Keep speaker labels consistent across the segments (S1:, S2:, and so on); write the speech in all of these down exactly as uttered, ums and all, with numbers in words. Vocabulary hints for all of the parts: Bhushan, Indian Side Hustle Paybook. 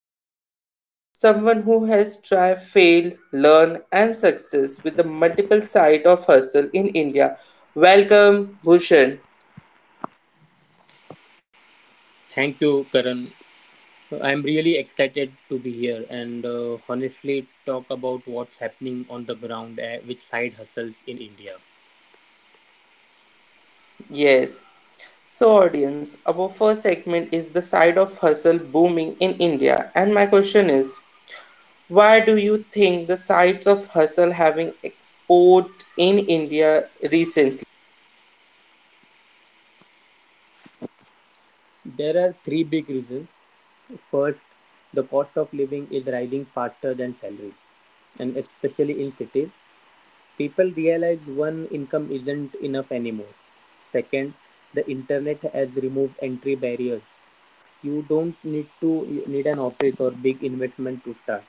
S1: Bhushan, someone who has tried, failed, learned, and success with the multiple side of hustle in India. Welcome, Bhushan.
S2: Thank you, Karan. I'm really excited to be here and uh, honestly talk about what's happening on the ground uh, with side hustles in India.
S1: Yes. So, audience, our first segment is the side of hustle booming in India, and my question is. Why do you think the sides of hustle having export in India recently?
S2: There are three big reasons. First, the cost of living is rising faster than salary, and especially in cities, people realize one income isn't enough anymore. Second, the internet has removed entry barriers. You don't need to need an office or big investment to start.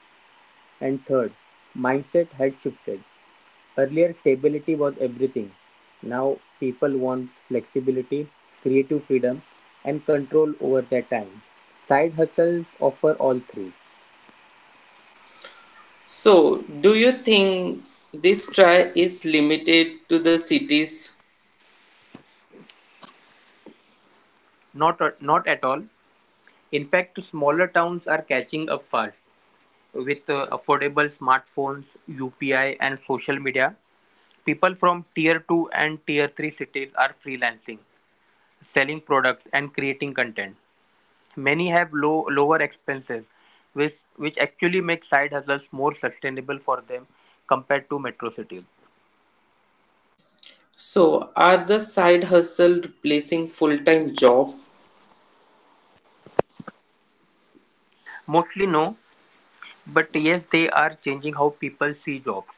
S2: And third, mindset has shifted. Earlier, stability was everything. Now, people want flexibility, creative freedom, and control over their time. Side hustles offer all three.
S1: So, do you think this try is limited to the cities?
S2: Not, uh, not at all. In fact, smaller towns are catching up fast. With uh, affordable smartphones, U P I, and social media, people from tier two and tier three cities are freelancing, selling products, and creating content. Many have low lower expenses, which which actually make side hustles more sustainable for them compared to metro cities.
S1: So, are the side hustle replacing full-time job
S2: Mostly no, but yes, they are changing how people see jobs.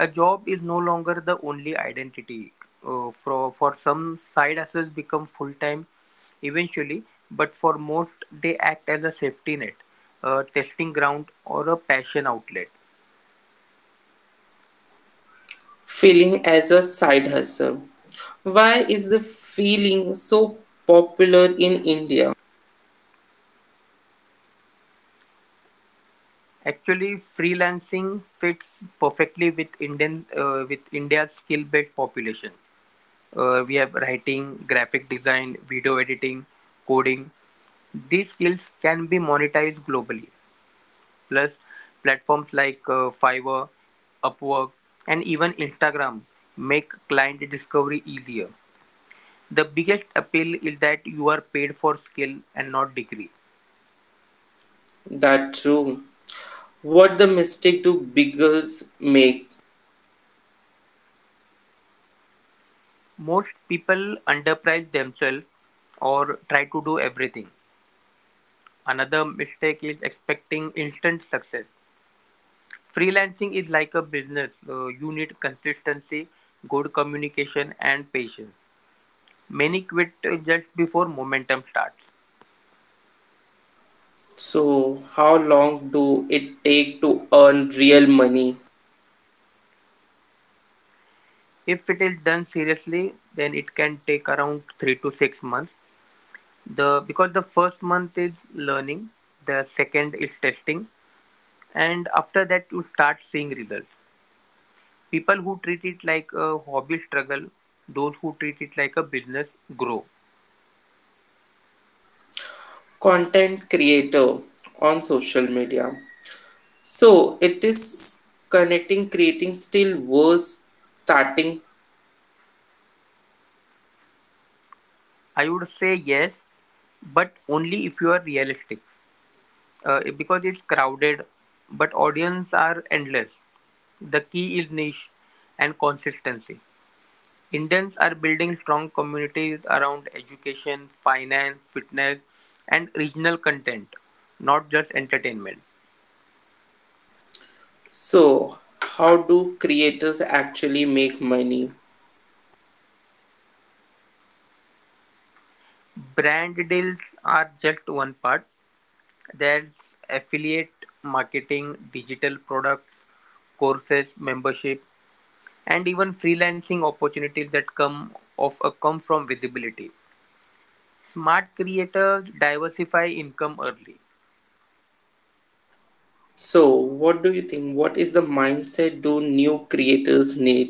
S2: A job is no longer the only identity. Uh, for for some, side hustles become full time eventually, but for most, they act as a safety net, a testing ground, or a passion outlet.
S1: feeling as a side hustle? Why is the feeling so popular in India?
S2: A freelance fits perfectly with Indian uh, India's skill-based population. uh, we have writing, graphic design, video editing, coding. These skills can be monetized globally. Plus, platforms like uh, Fiverr, Upwork, and even Instagram make client discovery easier. The biggest appeal is that you are paid for skill and not degree.
S1: That true. What the mistake do beginners make?
S2: Most people underprice themselves or try to do everything. Another mistake is expecting instant success. Freelancing is like a business. Uh, you need consistency, good communication, and patience. Many quit uh, just before momentum starts.
S1: So, how long do it take to earn real money?
S2: If it is done seriously, then it can take around three to six months. The because the first month is learning, the second is testing, and after that you start seeing results. People who treat it like a hobby struggle, those who treat it like a business grow.
S1: Content creator on social media. So it is connecting creating still was starting.
S2: I would say yes, but only if you are realistic. uh, because it's crowded, but audience are endless. The key is niche and consistency. Indians are building strong communities around education, finance, fitness, and regional content, not just entertainment.
S1: So how do creators actually make money?
S2: Brand deals are just one part. There's affiliate marketing, digital products, courses, membership, and even freelancing opportunities that come of uh, come from visibility. Smart creators diversify income early.
S1: So what do you think? What is the mindset do new creators need?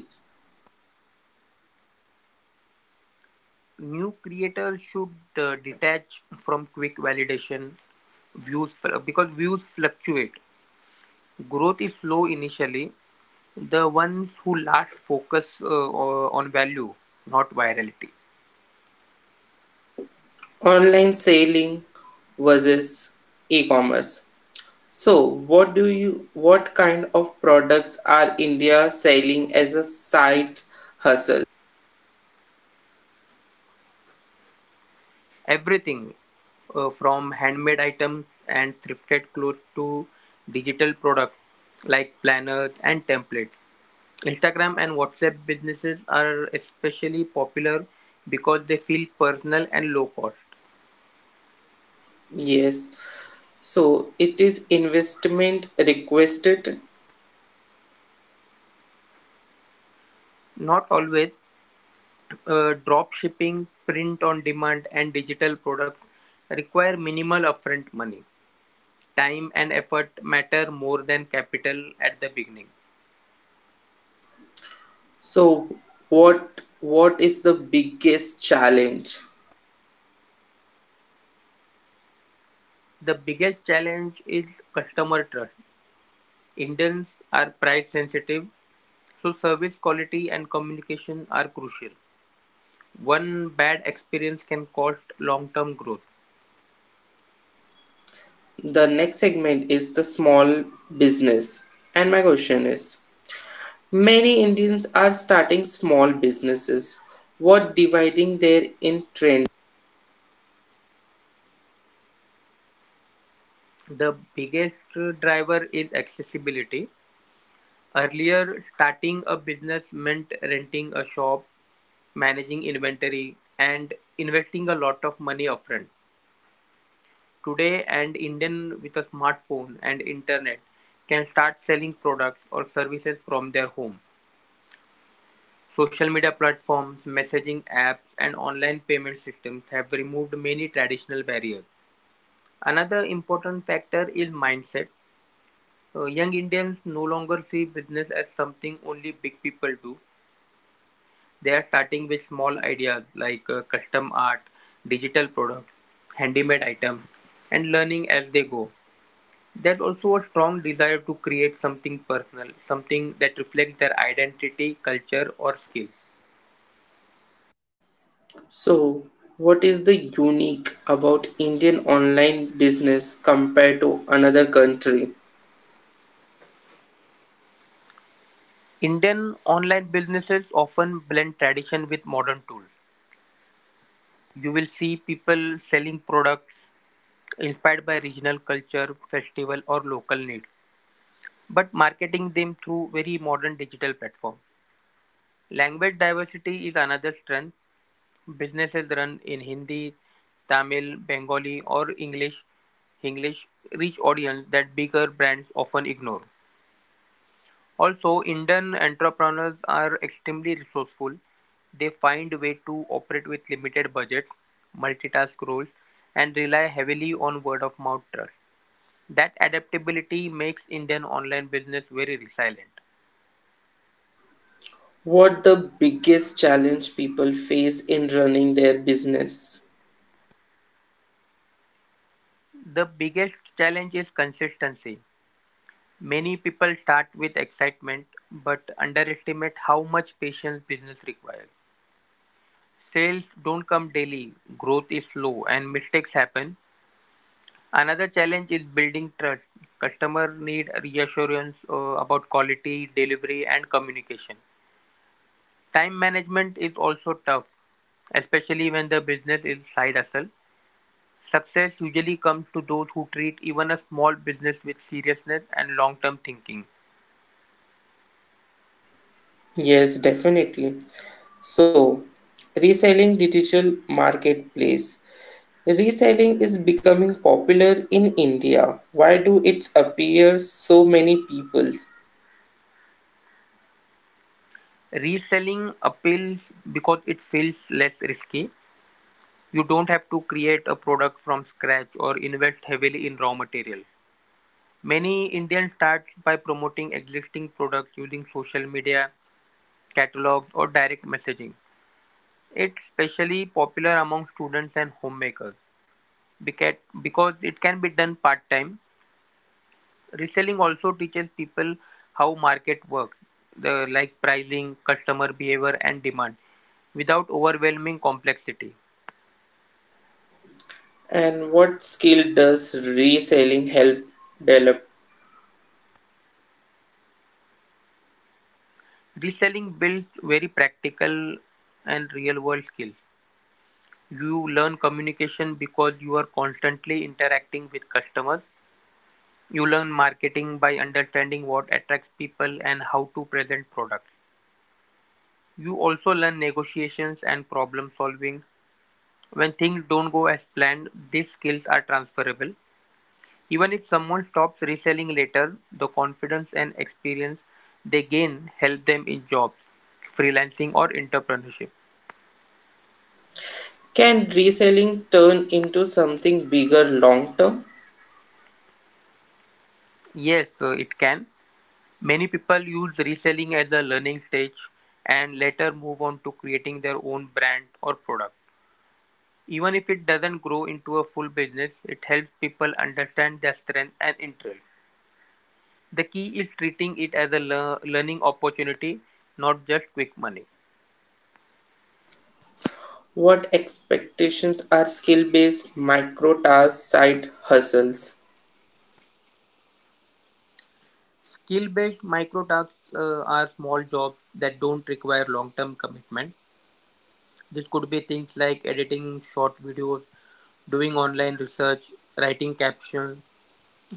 S2: New creators should uh, detach from quick validation views because views fluctuate. Growth is slow initially. The ones who last focus uh, on value, not virality.
S1: Online selling versus e-commerce. So what do you what kind of products are India selling as a side hustle?
S2: Everything uh, from handmade items and thrifted clothes to digital products like planners and templates. Instagram and WhatsApp businesses are especially popular because they feel personal and low cost.
S1: Yes. So it is investment requested?
S2: Not always, uh, drop shipping, print on demand, and digital products require minimal upfront money. Time and effort matter more than capital at the beginning.
S1: So, what what is the biggest challenge?
S2: The biggest challenge is customer trust. Indians are price sensitive, so service quality and communication are crucial. One bad experience can cost long term growth.
S1: The next segment is the small business. And my question is, many Indians are starting small businesses. What dividing their in trend?
S2: The biggest driver is accessibility. Earlier starting a business meant renting a shop, managing inventory, and investing a lot of money upfront. Today an Indian with a smartphone and internet can start selling products or services from their home. Social media platforms, messaging apps, and online payment systems have removed many traditional barriers. Another important factor is mindset. Uh, Young Indians no longer see business as something only big people do. They are starting with small ideas like uh, custom art, digital products, handmade items, and learning as they go. There's also a strong desire to create something personal, something that reflects their identity, culture, or skills.
S1: So, what is the unique about Indian online business compared to another country?
S2: Indian online businesses often blend tradition with modern tools. You will see people selling products inspired by regional culture, festival, or local needs, but marketing them through very modern digital platform. Language diversity is another strength. Businesses run in Hindi, Tamil, Bengali, or English. English reach audience that bigger brands often ignore. Also, Indian entrepreneurs are extremely resourceful. They find way to operate with limited budgets, multitask roles, and rely heavily on word of mouth trust. That adaptability makes Indian online business very resilient.
S1: What the biggest challenge people face in running their business?
S2: The biggest challenge is consistency. Many people start with excitement but underestimate how much patience business requires. Sales don't come daily, growth is slow, and mistakes happen. Another challenge is building trust. Customers need reassurance uh, about quality, delivery, and communication. Time management is also tough, especially when the business is side hustle. Success usually comes to those who treat even a small business with seriousness and long-term thinking.
S1: Yes, definitely. So, reselling digital marketplace. Reselling is becoming popular in India. Why do it appear so many people?
S2: Reselling appeals because it feels less risky. You don't have to create a product from scratch or invest heavily in raw material. Many Indians start by promoting existing products using social media, catalogs, or direct messaging. It's especially popular among students and homemakers because it can be done part time. Reselling also teaches people how market works, the like pricing, customer behavior and demand without overwhelming complexity.
S1: And what skill does reselling help develop?
S2: Reselling builds very practical and real world skills. You learn communication because you are constantly interacting with customers. You learn marketing by understanding what attracts people and how to present products. You also learn negotiations and problem solving. When things don't go as planned, these skills are transferable. Even if someone stops reselling later, the confidence and experience they gain help them in jobs, freelancing or entrepreneurship.
S1: Can reselling turn into something bigger long term?
S2: Yes, uh, it can. Many people use reselling as a learning stage and later move on to creating their own brand or product. Even if it doesn't grow into a full business, it helps people understand their strength and interest. The key is treating it as a lear- learning opportunity, not just quick money.
S1: What expectations are skill based micro tasks side hustles?
S2: Skill-based microtasks uh, are small jobs that don't require long-term commitment. This could be things like editing short videos, doing online research, writing captions,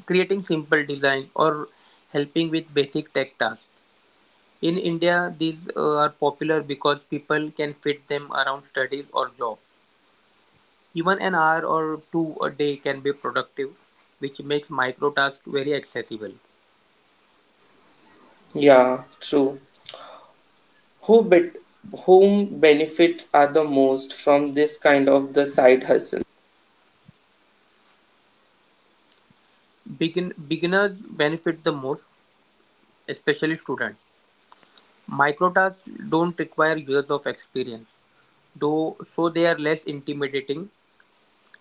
S2: creating simple designs, or helping with basic tech tasks. In India, these uh, are popular because people can fit them around studies or job. Even an hour or two a day can be productive, which makes microtasks very accessible.
S1: Yeah, true. Who bet- whom benefits are the most from this kind of the side hustle?
S2: Begin- beginners benefit the most especially students. Microtasks don't require years of experience, though so they are less intimidating.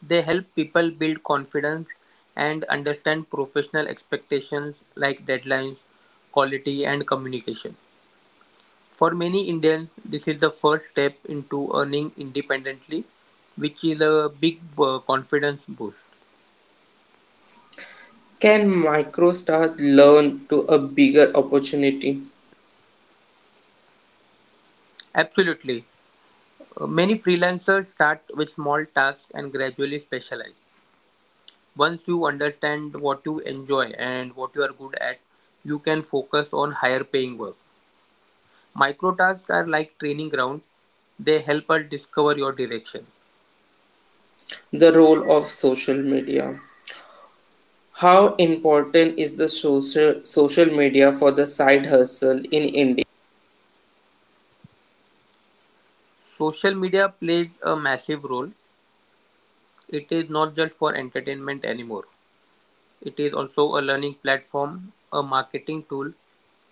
S2: They help people build confidence and understand professional expectations like deadlines, quality, and communication. For many Indians, this is the first step into earning independently, which is a big uh, confidence boost.
S1: Can MicroStar learn to a bigger opportunity?
S2: Absolutely. Uh, Many freelancers start with small tasks and gradually specialize. Once you understand what you enjoy and what you are good at, you can focus on higher paying work. Micro tasks are like training grounds, they help us discover your direction.
S1: The role of social media. How important is the social social media for the side hustle in India?
S2: Social media plays a massive role. It is not just for entertainment anymore, it is also a learning platform, a marketing tool,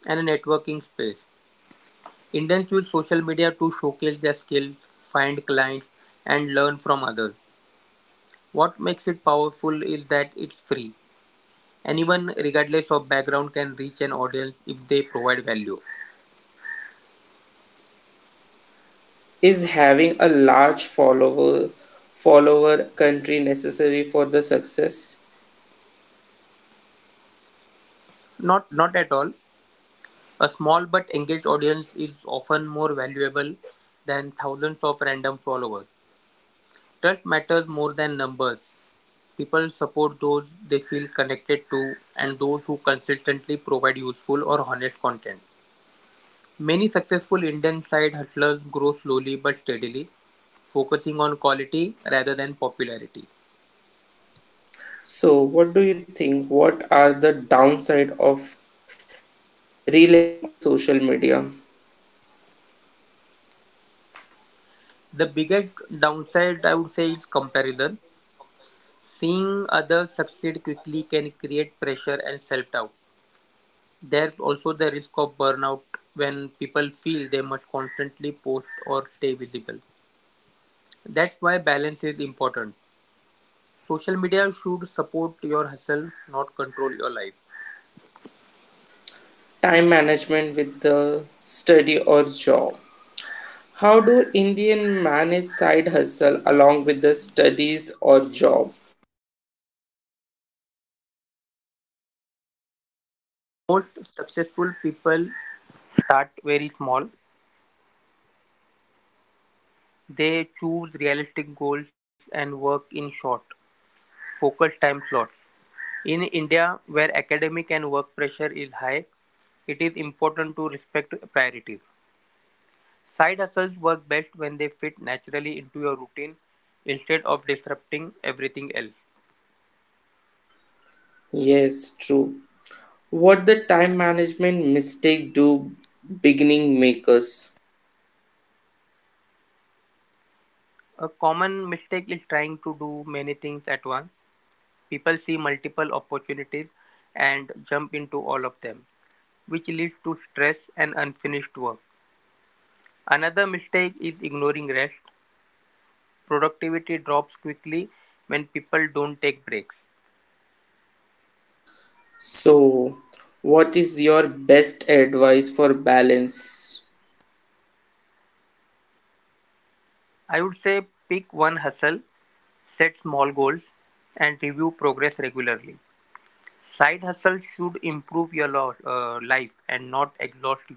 S2: and a networking space. Indians use social media to showcase their skills, find clients, and learn from others. What makes it powerful is that it's free. Anyone, regardless of background, can reach an audience if they provide value.
S1: Is having a large follower follower country necessary for the success?
S2: Not, not at all. A small but engaged audience is often more valuable than thousands of random followers. Trust matters more than numbers. People support those they feel connected to and those who consistently provide useful or honest content. Many successful Indian side hustlers grow slowly but steadily, focusing on quality rather than popularity.
S1: So what do you think? What are the downside of relying on the social media?
S2: The biggest downside I would say is comparison. Seeing others succeed quickly can create pressure and self-doubt. There's also the risk of burnout when people feel they must constantly post or stay visible. That's why balance is important. Social media should support your hustle, not control your life.
S1: Time management with the study or job. How do Indian manage side hustle along with the studies or job?
S2: Most successful people start very small. They choose realistic goals and work in short, focused time slots. In India, where academic and work pressure is high, it is important to respect priorities. Side hustles work best when they fit naturally into your routine instead of disrupting everything else.
S1: Yes, true. What the time management mistake do beginning makers?
S2: A common mistake is trying to do many things at once. People see multiple opportunities and jump into all of them, which leads to stress and unfinished work. Another mistake is ignoring rest. Productivity drops quickly when people don't take breaks.
S1: So, what is your best advice for balance,
S2: I would say pick one hustle, set small goals, and review progress regularly. Side hustles should improve your lo- uh, life and not exhaust you.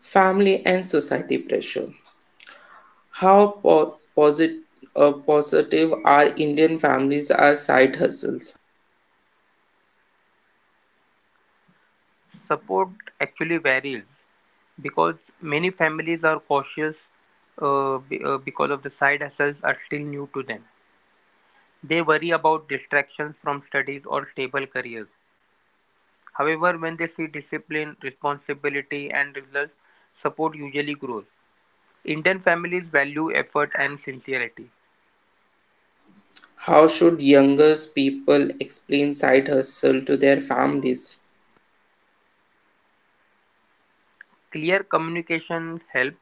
S1: family and society pressure? How po- posit- uh, positive are Indian families are side hustles?
S2: Support actually varies because many families are cautious uh, be- uh, because of the side hustles are still new to them. They worry about distractions from studies or stable careers. However, when they see discipline, responsibility, and results, support usually grows. Indian families value effort and sincerity.
S1: How should younger people explain side hustle to their families?
S2: Clear communication helps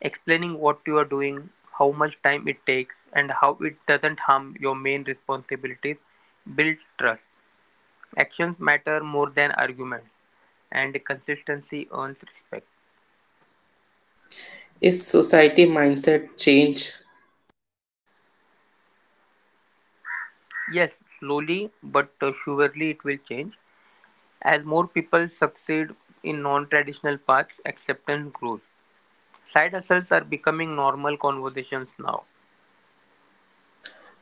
S2: explaining what you are doing, how much time it takes, and how it doesn't harm your main responsibilities builds trust. Actions matter more than arguments, and consistency earns respect.
S1: Is society mindset change?
S2: Yes, slowly but uh, surely it will change. As more people succeed in non-traditional paths, acceptance grows. Side hustles are becoming normal conversations now.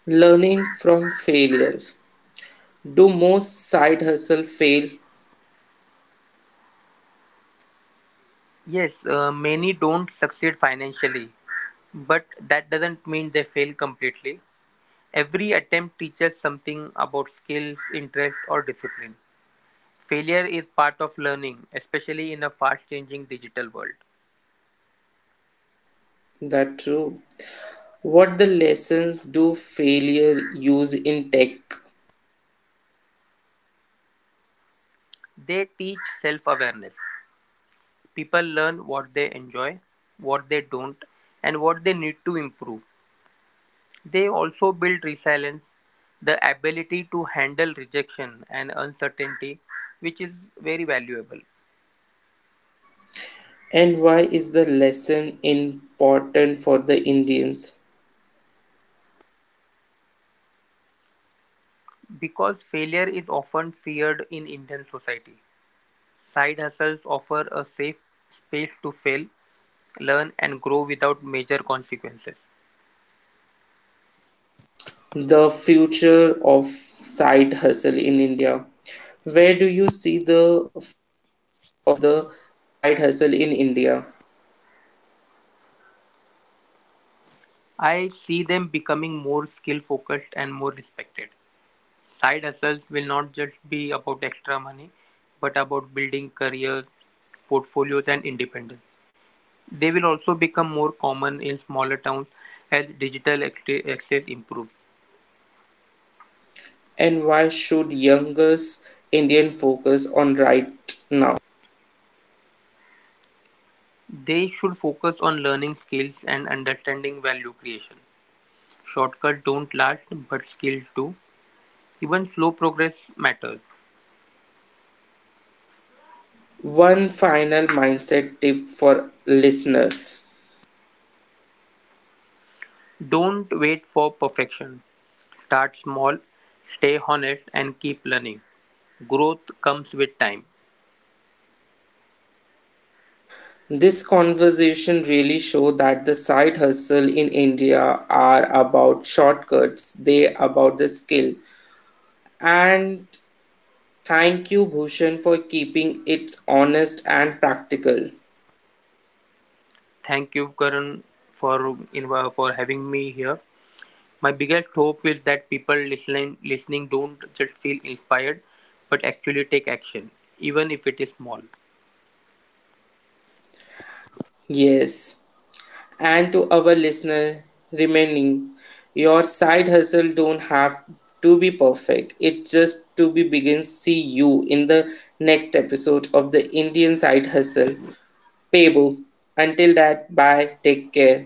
S1: Learning from failures. Do most side hustle fail?
S2: Yes, uh, many don't succeed financially, but that doesn't mean they fail completely. Every attempt teaches something about skills, interest, or discipline. Failure is part of learning, especially in a fast changing digital world.
S1: That true. What the lessons do failure use in tech?
S2: They teach self awareness. People learn what they enjoy, what they don't, and what they need to improve. They also build resilience, the ability to handle rejection and uncertainty, which is very valuable
S1: And why is the lesson important for the Indians?
S2: because failure is often feared in Indian society. Side hustles offer a safe space to fail, learn, and grow without major consequences.
S1: The future of side hustle in India. Where do you see the future of the side hustle in India?
S2: I see them becoming more skill focused and more respected. Side hustles will not just be about extra money, but about building careers, portfolios, and independence. They will also become more common in smaller towns as digital access improves.
S1: And why should youngest Indian focus on right now?
S2: They should focus on learning skills and understanding value creation. Shortcuts don't last, but skills do. Even slow progress matters.
S1: One final mindset tip for listeners.
S2: Don't wait for perfection. Start small, stay honest, and keep learning. Growth comes with time.
S1: This conversation really show that the side hustle in India are about shortcuts, they about the skill. And thank you Bhushan for keeping it honest and practical.
S2: Thank you, Karan, for inv- for having me here. My biggest hope is that people listening listening don't just feel inspired, but actually take action, even if it is small.
S1: Yes. And to our listener remaining your side hustle don't have to be perfect it just to be begin see you in the next episode of the Indian Side Hustle Pebu until that bye take care.